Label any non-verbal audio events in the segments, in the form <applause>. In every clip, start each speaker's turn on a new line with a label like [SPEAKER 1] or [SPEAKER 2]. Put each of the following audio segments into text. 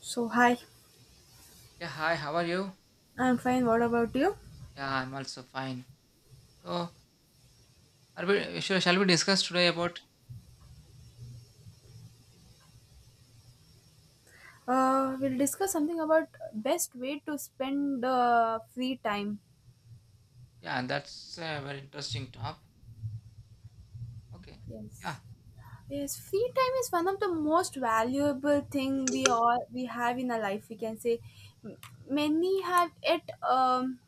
[SPEAKER 1] So, hi,
[SPEAKER 2] Yeah, hi, how are you?
[SPEAKER 1] I'm fine. What about you?
[SPEAKER 2] Yeah, I'm also fine. So, shall we discuss today about?
[SPEAKER 1] We'll discuss something about best way to spend free time.
[SPEAKER 2] Yeah, that's a very interesting topic. Okay.
[SPEAKER 1] Yes.
[SPEAKER 2] Yeah,
[SPEAKER 1] Yes, free time is one of the most valuable thing we have in our life. We can say. M- many have it.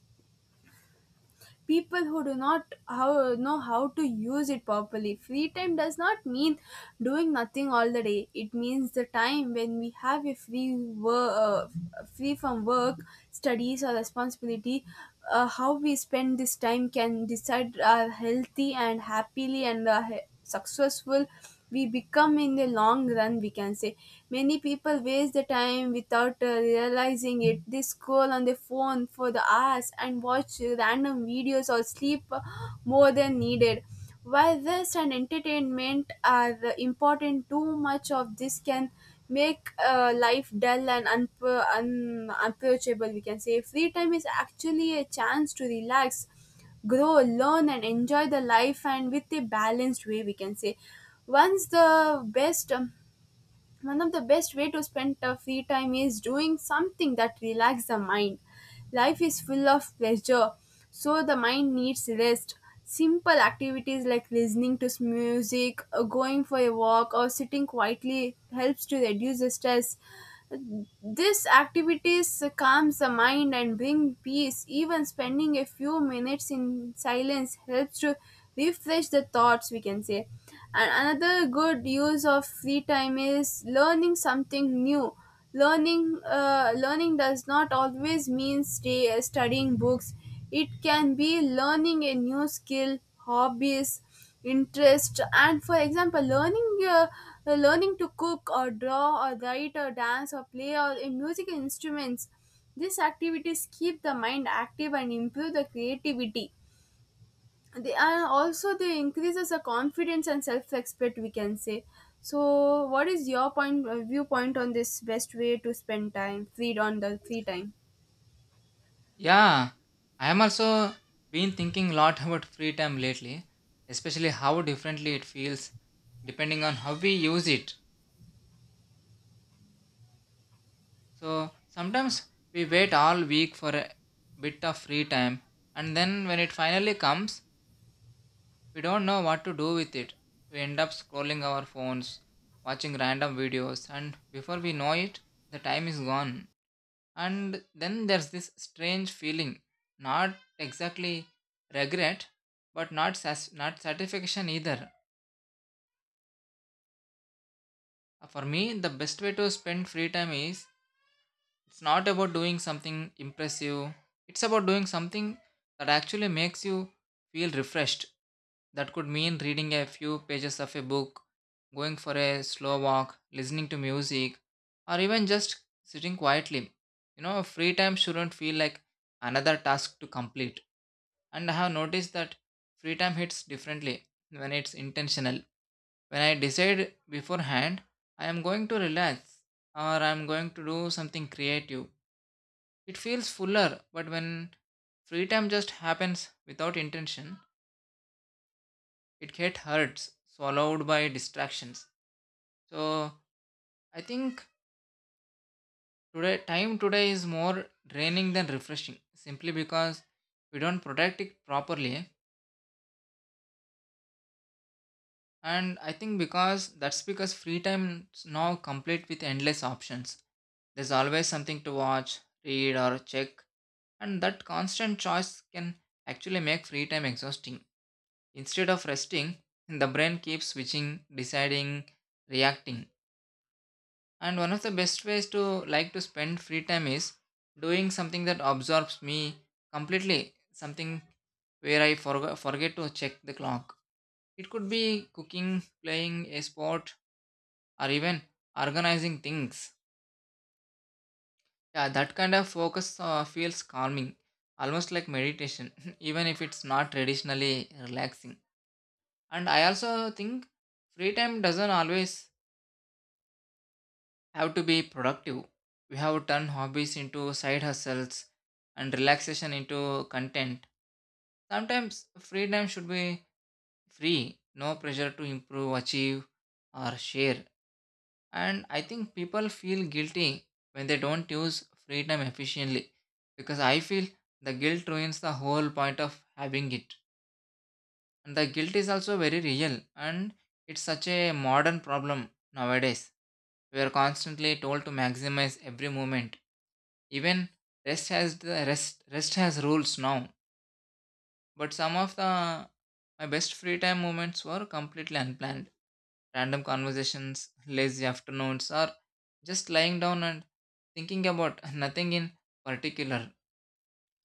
[SPEAKER 1] People who do not know how to use it properly. Free time does not mean doing nothing all the day. It means the time when we have free from work, studies or responsibility. How we spend this time can decide our healthy and happily and successful we become in the long run, we can say. Many people waste the time without realizing it. They scroll on their phone for the hours and watch random videos or sleep more than needed. While rest and entertainment are important, too much of this can make life dull and unapproachable, we can say. Free time is actually a chance to relax, grow, learn and enjoy the life and with a balanced way, we can say. Once the best One of the best way to spend the free time is doing something that relax the mind. Life is full of pleasure, so the mind needs rest. Simple activities like listening to music, going for a walk or sitting quietly helps to reduce the stress. These activities calms the mind and bring peace. Even spending a few minutes in silence helps to refresh the thoughts, we can say. And another good use of free time is learning something new. Learning does not always mean studying books. It can be learning a new skill, hobbies, interest and for example uh, learning to cook or draw or write or dance or play or in musical instruments. These activities keep the mind active and improve the creativity. They are also they increases the confidence and self-respect, we can say. So what is your point viewpoint on this best way to spend time free on the free time?
[SPEAKER 2] yeah. I am also been thinking a lot <laughs> about free time lately, especially how differently it feels depending on how we use it. So sometimes we wait all week for a bit of free time, and then when it finally comes, we don't know what to do with it. We end up scrolling our phones, watching random videos, and before we know it, the time is gone. And then there's this strange feeling, not exactly regret, but not satisfaction either. For me, the best way to spend free time is It's not about doing something impressive, it's about doing something that actually makes you feel refreshed. That could mean reading a few pages of a book, going for a slow walk, listening to music, or even just sitting quietly. Free time shouldn't feel like another task to complete. And I have noticed that free time hits differently when it's intentional. When I decide beforehand, I am going to relax or I am going to do something creative, it feels fuller, but when free time just happens without intention, it gets hurts, swallowed by distractions. So I think today time today is more draining than refreshing, simply because we don't protect it properly. And I think because that's because free time is now complete with endless options. There's always something to watch, read, or check, and that constant choice can actually make free time exhausting. Instead of resting, the brain keeps switching, deciding, reacting. And one of the best ways to like to spend free time is doing something that absorbs me completely, something where I forget to check the clock. It could be cooking, playing a sport, or even organizing things. Yeah, that kind of focus feels calming, almost like meditation, <laughs> even if it's not traditionally relaxing. And I also think free time doesn't always have to be productive. We have turned hobbies into side hustles and relaxation into content. Sometimes freedom should be free, no pressure to improve, achieve, or share. And I think people feel guilty when they don't use freedom efficiently, because I feel the guilt ruins the whole point of having it. And the guilt is also very real, and it's such a modern problem nowadays. We are constantly told to maximize every moment, even rest has rules now. But some of the my best free time moments were completely unplanned. Random conversations, lazy afternoons, or just lying down and thinking about nothing in particular.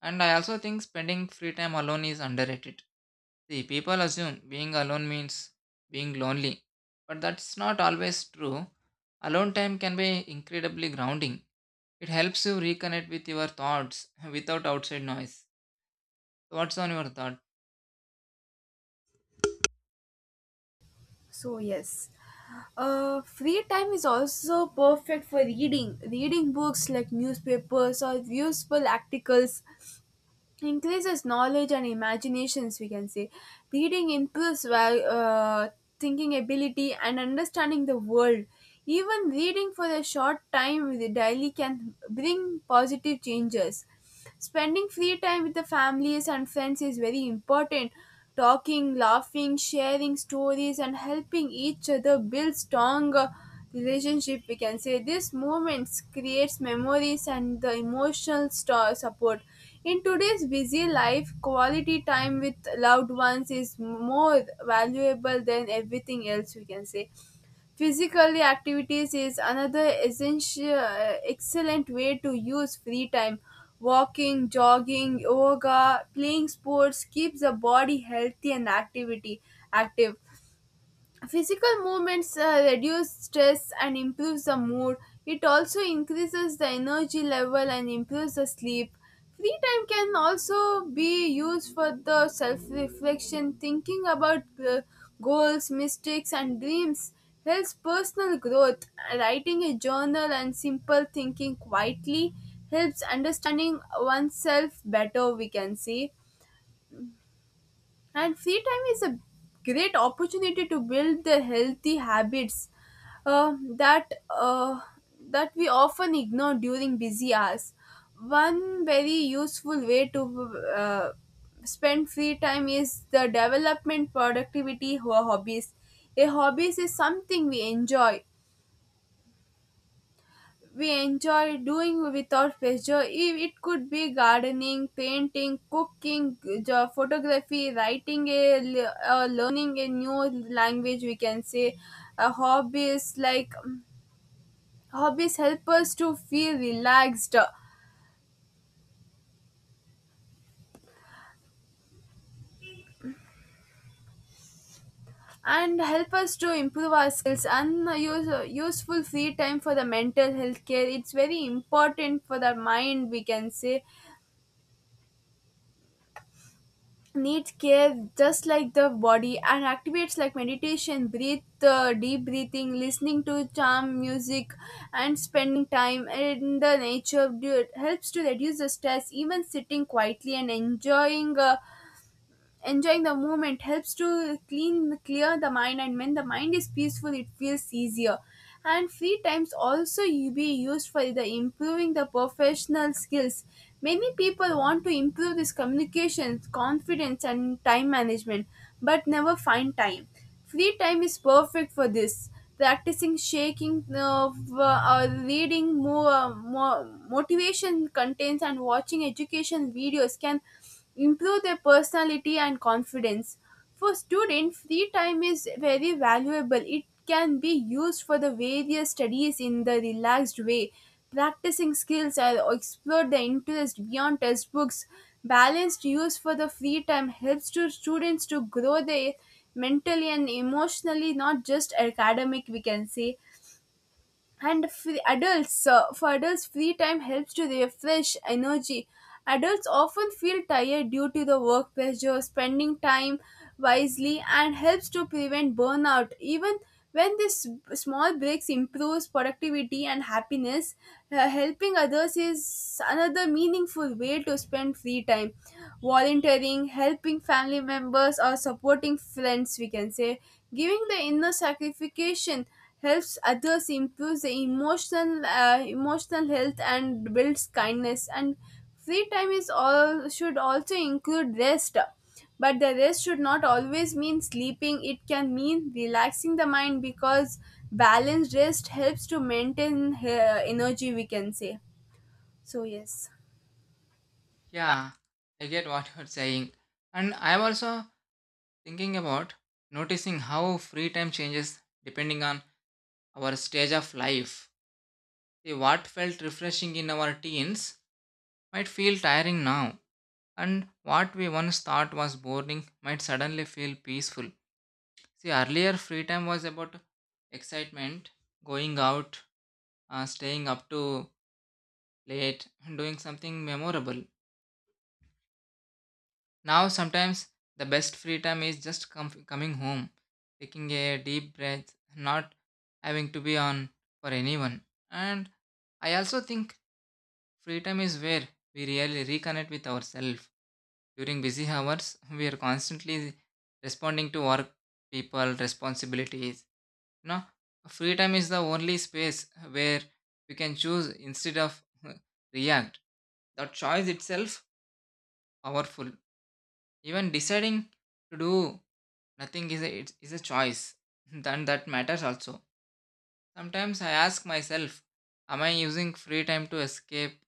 [SPEAKER 2] And I also think spending free time alone is underrated. See, people assume being alone means being lonely, but that's not always true. Alone time can be incredibly grounding. It helps you reconnect with your thoughts <laughs> without outside noise. Thoughts on your thought?
[SPEAKER 1] So yes, free time is also perfect for reading. Reading books like newspapers or useful articles increases knowledge and imaginations. We can say reading improves thinking ability and understanding the world. Even reading for a short time with the daily can bring positive changes. Spending free time with the families and friends is very important. Talking, laughing, sharing stories, and helping each other build strong relationship. We can say these moments creates memories and the emotional support. In today's busy life, quality time with loved ones is more valuable than everything else, we can say. Physical activities is another excellent way to use free time. Walking, jogging, yoga, playing sports keeps the body healthy and activity active. Physical movements reduce stress and improves the mood. It also increases the energy level and improves the sleep. Free time can also be used for the self reflection, thinking about goals, mistakes, and dreams. Helps personal growth. Writing a journal and simple thinking quietly helps understanding oneself better, we can say. And free time is a great opportunity to build the healthy habits uh, that uh, that we often ignore during busy hours. One very useful way to spend free time is the development productivity hobbies. A hobbies is something we enjoy doing without pressure. If It could be gardening, painting, cooking, photography, writing, learning a new language, we can say. Uh, hobbies like um, hobbies help us to feel relaxed and help us to improve our skills and useful free time for the mental health care. It's very important for the mind, we can say. Needs care just like the body, and activates like meditation, breathe deep breathing, listening to calm music, and spending time in the nature dude helps to reduce the stress. Even sitting quietly and enjoying the moment helps to clean clear the mind. And when the mind is peaceful, it feels easier. And free times also you be used for the improving the professional skills. Many people want to improve this communication confidence and time management, but never find time. Free time is perfect for this. Practicing uh, reading more motivation contents, and watching education videos can improve their personality and confidence. For students, free time is very valuable. It can be used for the various studies in the relaxed way. Practicing skills or explore the interest beyond textbooks. Balanced use for the free time helps to students to grow their mentally and emotionally not just academic, we can say. And free adults for adults free time helps to refresh energy. Adults often feel tired due to the work pressure. Spending time wisely and helps to prevent burnout, even when these small breaks improves productivity and happiness. Helping others is another meaningful way to spend free time. Volunteering, helping family members or supporting friends, we can say, giving the inner sacrification helps others improve the emotional health and builds kindness. And free time is all should also include rest, but the rest should not always mean sleeping. It can mean relaxing the mind because balanced rest helps to maintain energy, we can say. So yes.
[SPEAKER 2] Yeah, I get what you're saying. And I'm also thinking about noticing how free time changes depending on our stage of life. See, what felt refreshing in our teens might feel tiring now, and what we once thought was boring might suddenly feel peaceful. See, earlier free time was about excitement, going out, staying up to late, and doing something memorable. Now, sometimes the best free time is just coming home, taking a deep breath, not having to be on for anyone. And I also think free time is where we really reconnect with ourselves. During busy hours, we are constantly responding to work, people, responsibilities. No, free time is the only space where we can choose instead of <laughs> react. That choice itself powerful. Even deciding to do nothing is a choice. <laughs> Then that matters also. Sometimes I ask myself, am I using free time to escape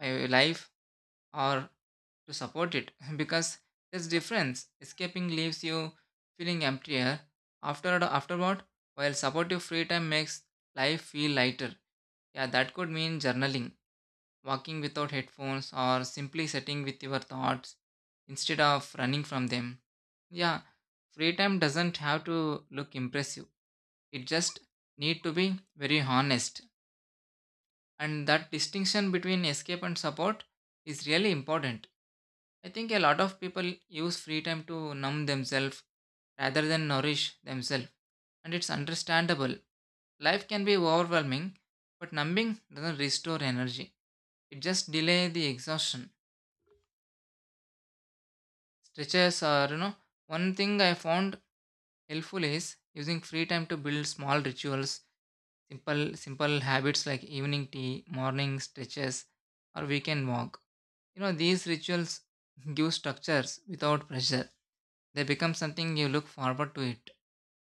[SPEAKER 2] my life or to support it, <laughs> because there's difference. Escaping leaves you feeling emptier afterward, while supportive free time makes life feel lighter. Yeah, that could mean journaling, walking without headphones, or simply sitting with your thoughts instead of running from them. Yeah, free time doesn't have to look impressive. It just need to be very honest. And that distinction between escape and support is really important. I think a lot of people use free time to numb themselves rather than nourish themselves, and it's understandable. Life can be overwhelming, but numbing doesn't restore energy. It just delays the exhaustion. Stretches are, you know, One thing I found helpful is using free time to build small rituals. Simple habits like evening tea, morning stretches, or weekend walk. These rituals <laughs> give structures without pressure. They become something you look forward to it,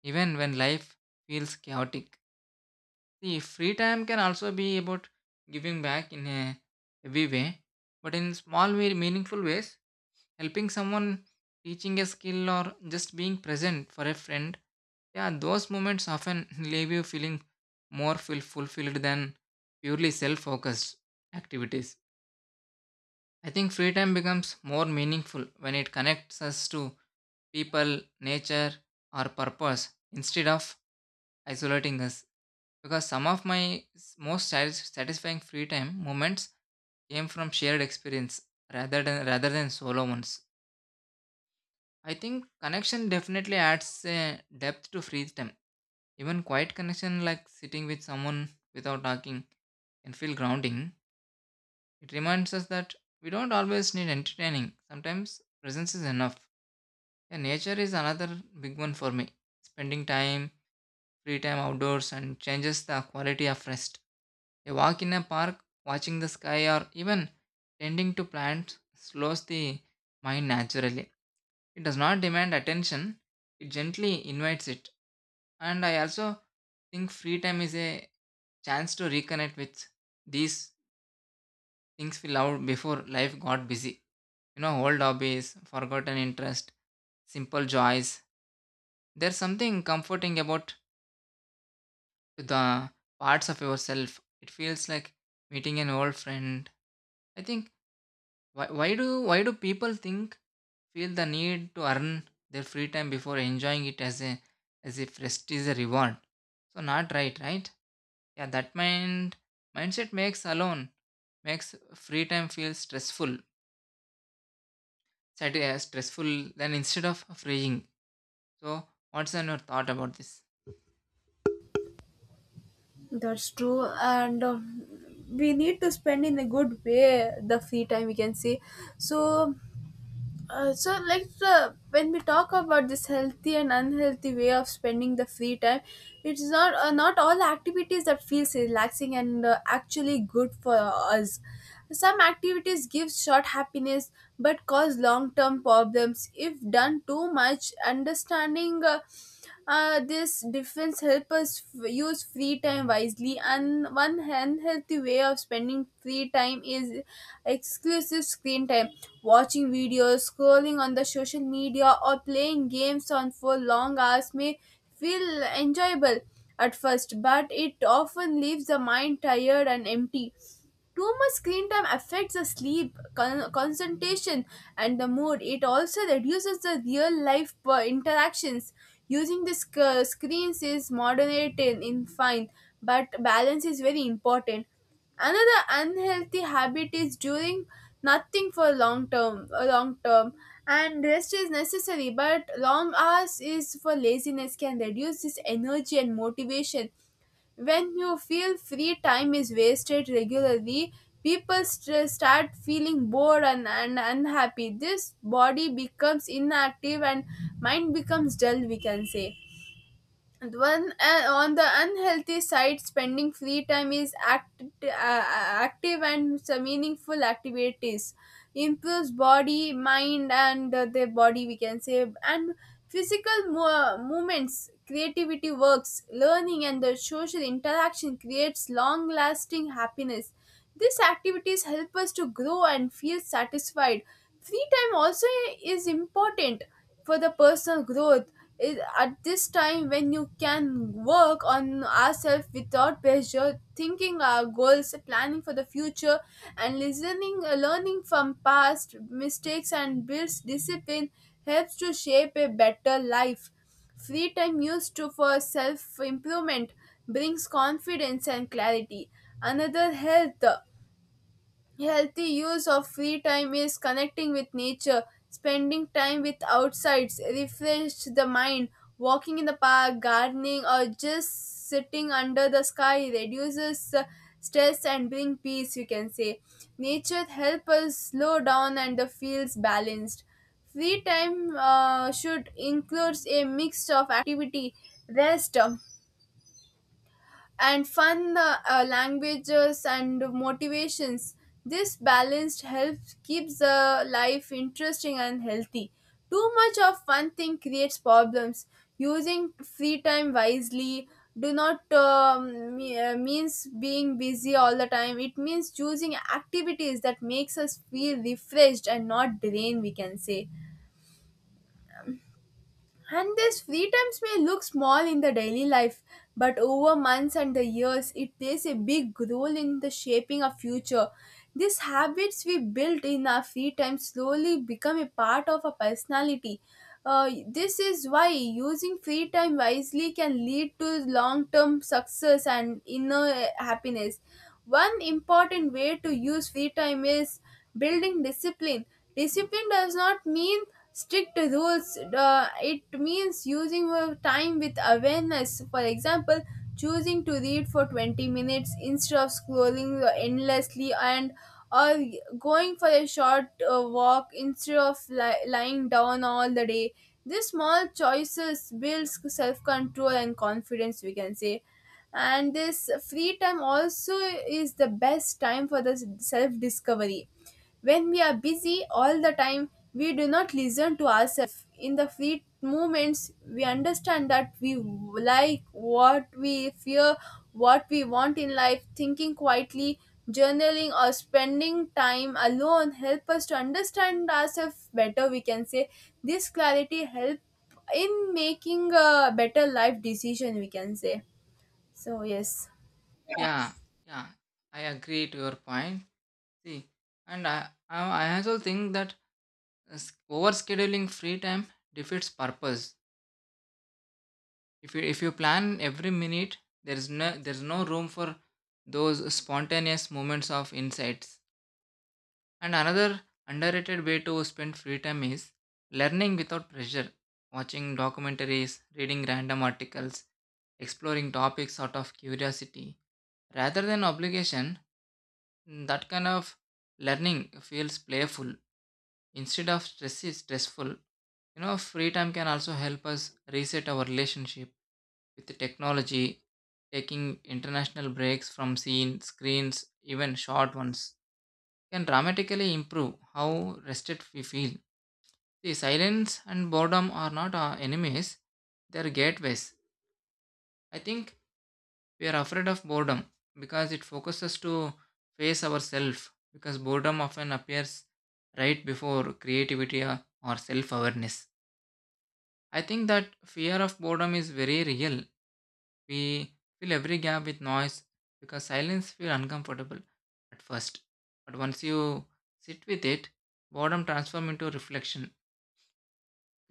[SPEAKER 2] even when life feels chaotic. The free time can also be about giving back in a heavy way, but in small, meaningful ways, helping someone, teaching a skill, or just being present for a friend. Yeah, those moments often <laughs> leave you feeling more feel fulfilled than purely self focused activities. I think free time becomes more meaningful when it connects us to people, nature, or purpose instead of isolating us. Because some of my most satisfying free time moments came from shared experience rather than solo ones. I think connection definitely adds a depth to free time. Even quiet connection, like sitting with someone without talking, can feel grounding. It reminds us that we don't always need entertaining. Sometimes presence is enough. Yeah, nature is another big one for me. Spending time, Free time outdoors and changes the quality of rest. A walk in a park, watching the sky, or even tending to plants slows the mind naturally. It does not demand attention, it gently invites it. And I also think free time is a chance to reconnect with these things we loved before life got busy. Old hobbies, forgotten interest, simple joys. There's something comforting about the parts of yourself. It feels like meeting an old friend. I think. Why do people think feel the need to earn their free time before enjoying it, as if rest is a reward? So not right, right? Yeah, that mindset makes alone makes free time feel stressful than instead of freeing. So what's on your thought about this?
[SPEAKER 1] That's true. And we need to spend in a good way the free time, we can say. So. So like the when we talk about this healthy and unhealthy way of spending the free time, it's not not all activities that feels relaxing and actually good for us. Some activities give short happiness but cause long term problems if done too much. Understanding this difference help us use free time wisely. And one unhealthy way of spending free time is exclusive screen time. Watching videos, scrolling on the social media or playing games on for long hours may feel enjoyable at first, but it often leaves the mind tired and empty. Too much screen time affects the sleep, concentration, and the mood. It also reduces the real life interactions. Using the screens is moderated in fine, but balance is very important. Another unhealthy habit is doing nothing for long term, and rest is necessary. But long hours is for laziness can reduce this energy and motivation. When you feel free time is wasted regularly, people start feeling bored and unhappy. This body becomes inactive and mind becomes dull, we can say. And when on the unhealthy side, spending free time is active and some meaningful activities improves body, mind, and the body, we can say. And physical movements, creativity works, learning, and the social interaction creates long-lasting happiness. These activities help us to grow and feel satisfied. Free time also is important for the personal growth. At this time, when you can work on ourselves without pressure, thinking our goals, planning for the future, and learning from past mistakes and builds discipline helps to shape a better life. Free time used to for self improvement brings confidence and clarity. Another health Healthy use of free time is connecting with nature, spending time with outsides, refresh the mind, walking in the park, gardening, or just sitting under the sky reduces stress and bring peace. You can say nature helps us slow down and the feels balanced. Free time should includes a mix of activity, rest, and fun languages and motivations. This balanced helps keeps the life interesting and healthy. Too much of one thing creates problems. Using free time wisely do not means being busy all the time. It means choosing activities that makes us feel refreshed and not drained, we can say. And these free times may look small in the daily life, but over months and the years, it plays a big role in the shaping of future. These habits we built in our free time slowly become a part of our personality. This is why using free time wisely can lead to long-term success and inner happiness. One important way to use free time is building discipline. Discipline does not mean strict rules. It means using your time with awareness, for example choosing to read for 20 minutes instead of scrolling endlessly, and or going for a short walk instead of lying down all the day. These small choices builds self-control and confidence, we can say. And this free time also is the best time for the self discovery. When we are busy all the time, we do not listen to ourselves. In the fleet moments, we understand that we like what we fear, what we want in life. Thinking quietly, journaling, or spending time alone help us to understand ourselves better. We can say this clarity help in making a better life decision. We can say so. Yes.
[SPEAKER 2] Yeah, yeah, I agree to your point. See, and I also think that overscheduling free time defeats purpose. If you plan every minute, there's no room for those spontaneous moments of insights. And another underrated way to spend free time is learning without pressure, watching documentaries, reading random articles, exploring topics out of curiosity rather than obligation. That kind of learning feels playful. Instead of stress is stressful, free time can also help us reset our relationship with the technology. Taking international breaks from screens, even short ones, can dramatically improve how rested we feel. The silence and boredom are not our enemies, they are gateways. I think we are afraid of boredom because it focuses to face ourselves, because boredom often appears right before creativity or self awareness. I think that fear of boredom is very real. We fill every gap with noise because silence feels uncomfortable at first, but once you sit with it, boredom transforms into reflection,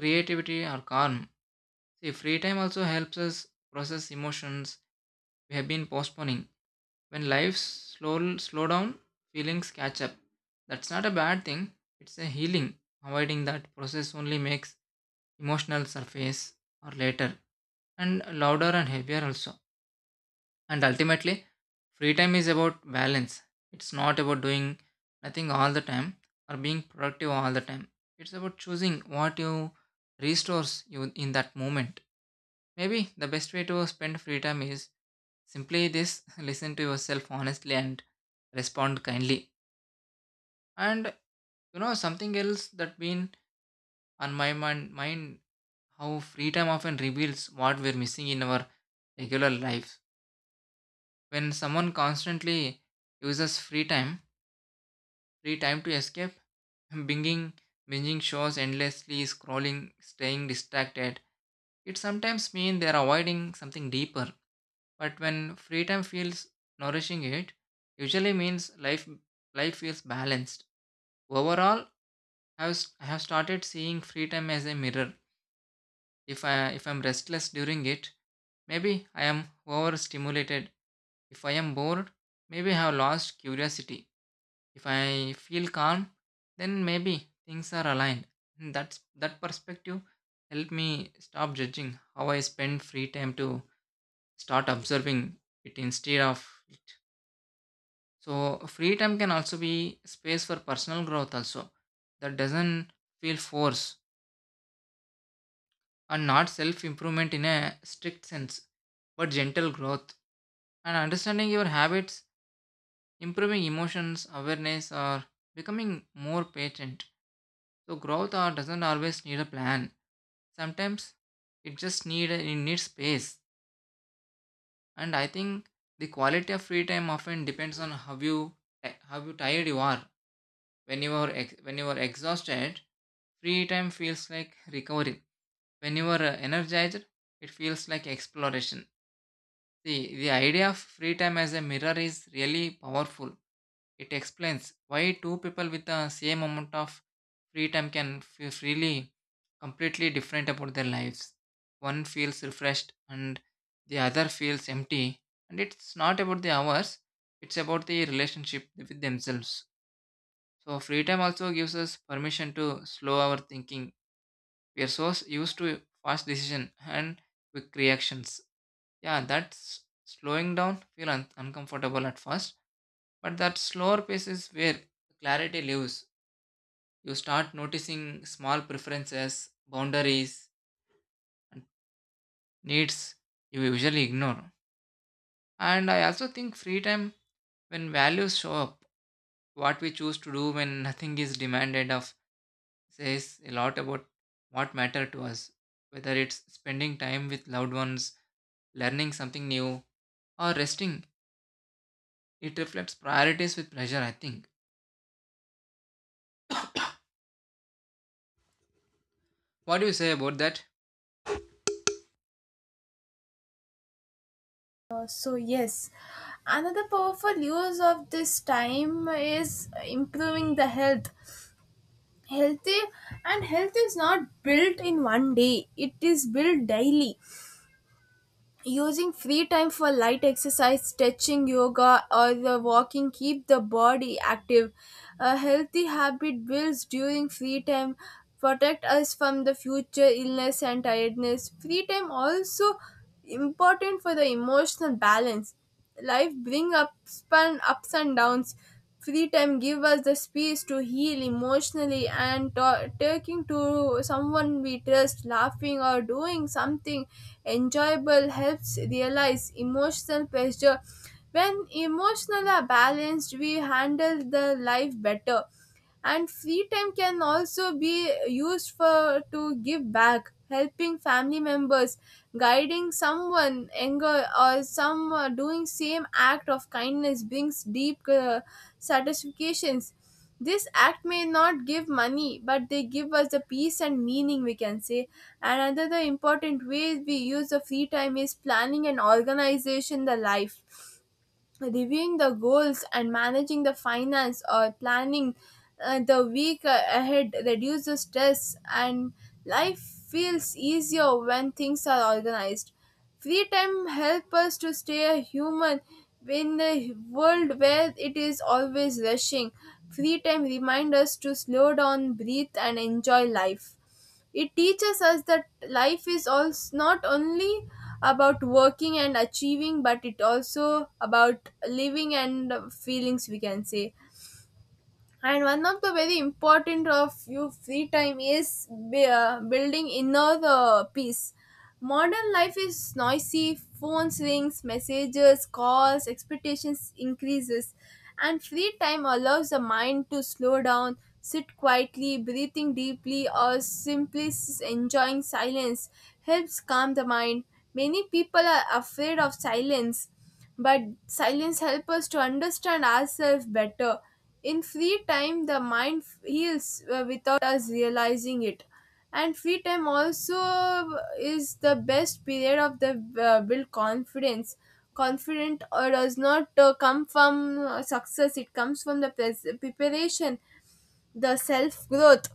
[SPEAKER 2] creativity, or calm. See, free time also helps us process emotions we have been postponing. When life slow down, feelings catch up. That's not a bad thing. It's a healing. Avoiding that process only makes emotional surface or later, and louder and heavier also. And ultimately, free time is about balance. It's not about doing nothing all the time or being productive all the time. It's about choosing what you restores you in that moment. Maybe the best way to spend free time is simply this: <laughs> listen to yourself honestly and respond kindly. And you know something else that been on my mind, how free time often reveals what we're missing in our regular life. When someone constantly uses free time to escape, <laughs> binging, binging shows endlessly, scrolling, staying distracted, it sometimes means they're avoiding something deeper. But when free time feels nourishing it, usually means life feels balanced. Overall, I have started seeing free time as a mirror. If I'm restless during it, maybe I am overstimulated. If I am bored, maybe I have lost curiosity. If I feel calm, then maybe things are aligned. And that perspective helped me stop judging how I spend free time to start observing it instead of. So free time can also be space for personal growth also, that doesn't feel force, and not self improvement in a strict sense, but gentle growth and understanding your habits, improving emotions awareness or becoming more patient. So growth or doesn't always need a plan, sometimes it just needs space. And I think the quality of free time often depends on how you tired you are. When you are exhausted free time feels like recovery. When you are energized, it feels like exploration. See, the idea of free time as a mirror is really powerful. It explains why two people with the same amount of free time can feel freely completely different about their lives. One feels refreshed and the other feels empty. And it's not about the hours, it's about the relationship with themselves. So, free time also gives us permission to slow our thinking. We are so used to fast decision and quick reactions. Yeah, that's slowing down feel uncomfortable at first, but that slower pace is where clarity lives. You start noticing small preferences, boundaries, and needs you usually ignore. And I also think free time, when values show up, what we choose to do when nothing is demanded of, says a lot about what matter to us. Whether it's spending time with loved ones, learning something new, or resting, it reflects priorities with pleasure, I think. What do you say about that?
[SPEAKER 1] So yes, another powerful use of this time is improving the health, healthy, and health is not built in one day, it is built daily. Using free time for light exercise, stretching, yoga, or the walking keep the body active. A healthy habit builds during free time, protect us from the future illness and tiredness. Free time also important for the emotional balance. Life bring ups and ups and downs. Free time give us the space to heal emotionally, and talking to someone we trust, laughing, or doing something enjoyable helps realize emotional pressure. When emotional are balanced, we handle the life better. And free time can also be used for to give back, helping family members, guiding someone anger, or some doing same act of kindness brings deep satisfactions. This act may not give money, but they give us the peace and meaning, we can say. And another important way we use the free time is planning and organization the life, reviewing the goals and managing the finance, or planning the week ahead reduces stress, and life feels easier when things are organized. Free time helps us to stay a human in a world where it is always rushing. Free time reminds us to slow down, breathe, and enjoy life. It teaches us that life is also not only about working and achieving, but it also about living and feelings, we can say. And one of the very important of your free time is building inner peace. Modern life is noisy, phones rings, messages, calls, expectations increases. And free time allows the mind to slow down, sit quietly, breathing deeply, or simply enjoying silence helps calm the mind. Many people are afraid of silence, but silence helps us to understand ourselves better. In free time, the mind heals without us realizing it. And free time also is the best period of the build confidence. Confident or does not come from success; it comes from the preparation, the self growth.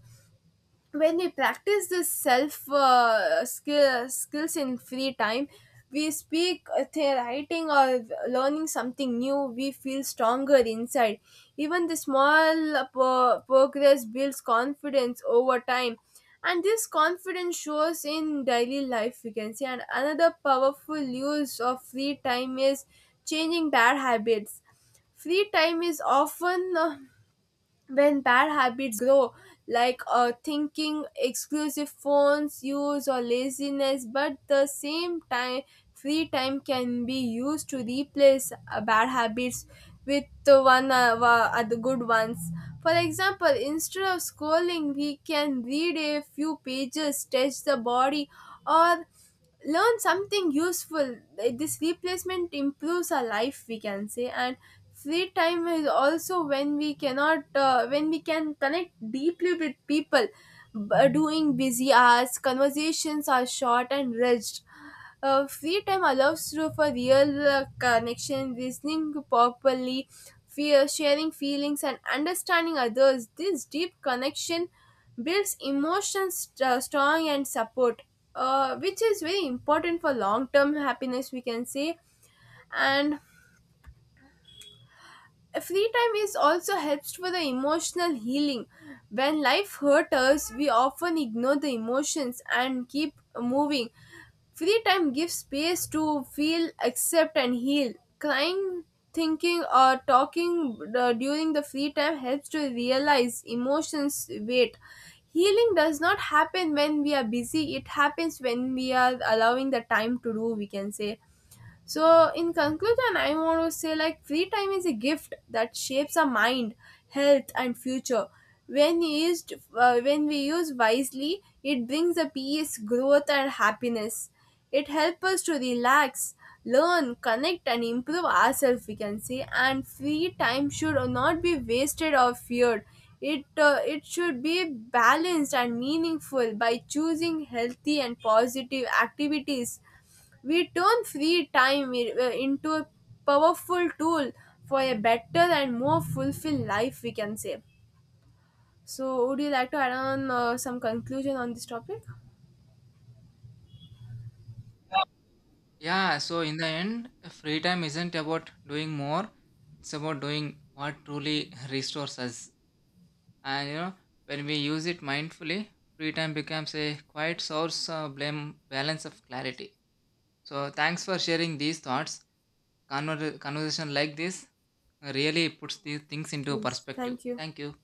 [SPEAKER 1] When we practice this self skills in free time, we speak writing or learning something new, we feel stronger inside. Even the small progress builds confidence over time, and this confidence shows in daily life, we can say. And another powerful use of free time is changing bad habits. Free time is often when bad habits grow, like thinking exclusive phones use or laziness, but the same time free time can be used to replace bad habits with the one good ones. For example, instead of scrolling we can read a few pages, stretch the body, or learn something useful. Like, this replacement improves our life, we can say. And free time is also when we cannot when we can connect deeply with people. Doing busy hours, conversations are short and rich. Uh, free time allows you for real connection, listening properly, fear, sharing feelings, and understanding others. This deep connection builds emotions strong and support, which is very important for long term happiness, we can say. And free time is also helps for the emotional healing. When life hurts us, we often ignore the emotions and keep moving. Free time gives space to feel, accept, and heal. Crying, thinking, or talking during the free time helps to realize emotions weight. Healing does not happen when we are busy, it happens when we are allowing the time to do, we can say. So, in conclusion, I want to say like free time is a gift that shapes our mind, health, and future. When used, when we use wisely, it brings a peace, growth, and happiness. It helps us to relax, learn, connect, and improve ourselves. We can say, and free time should not be wasted or feared. It should be balanced and meaningful. By choosing healthy and positive activities, we turn free time into a powerful tool for a better and more fulfilled life, we can say. So, would you like to add on some conclusion on this topic?
[SPEAKER 2] Yeah, so in the end, free time isn't about doing more, it's about doing what truly <laughs> restores us. And when we use it mindfully, free time becomes a quiet source of blame balance of clarity. So thanks for sharing these thoughts. Conversation like this really puts these things into
[SPEAKER 1] Yes.
[SPEAKER 2] perspective.
[SPEAKER 1] Thank you.
[SPEAKER 2] Thank you.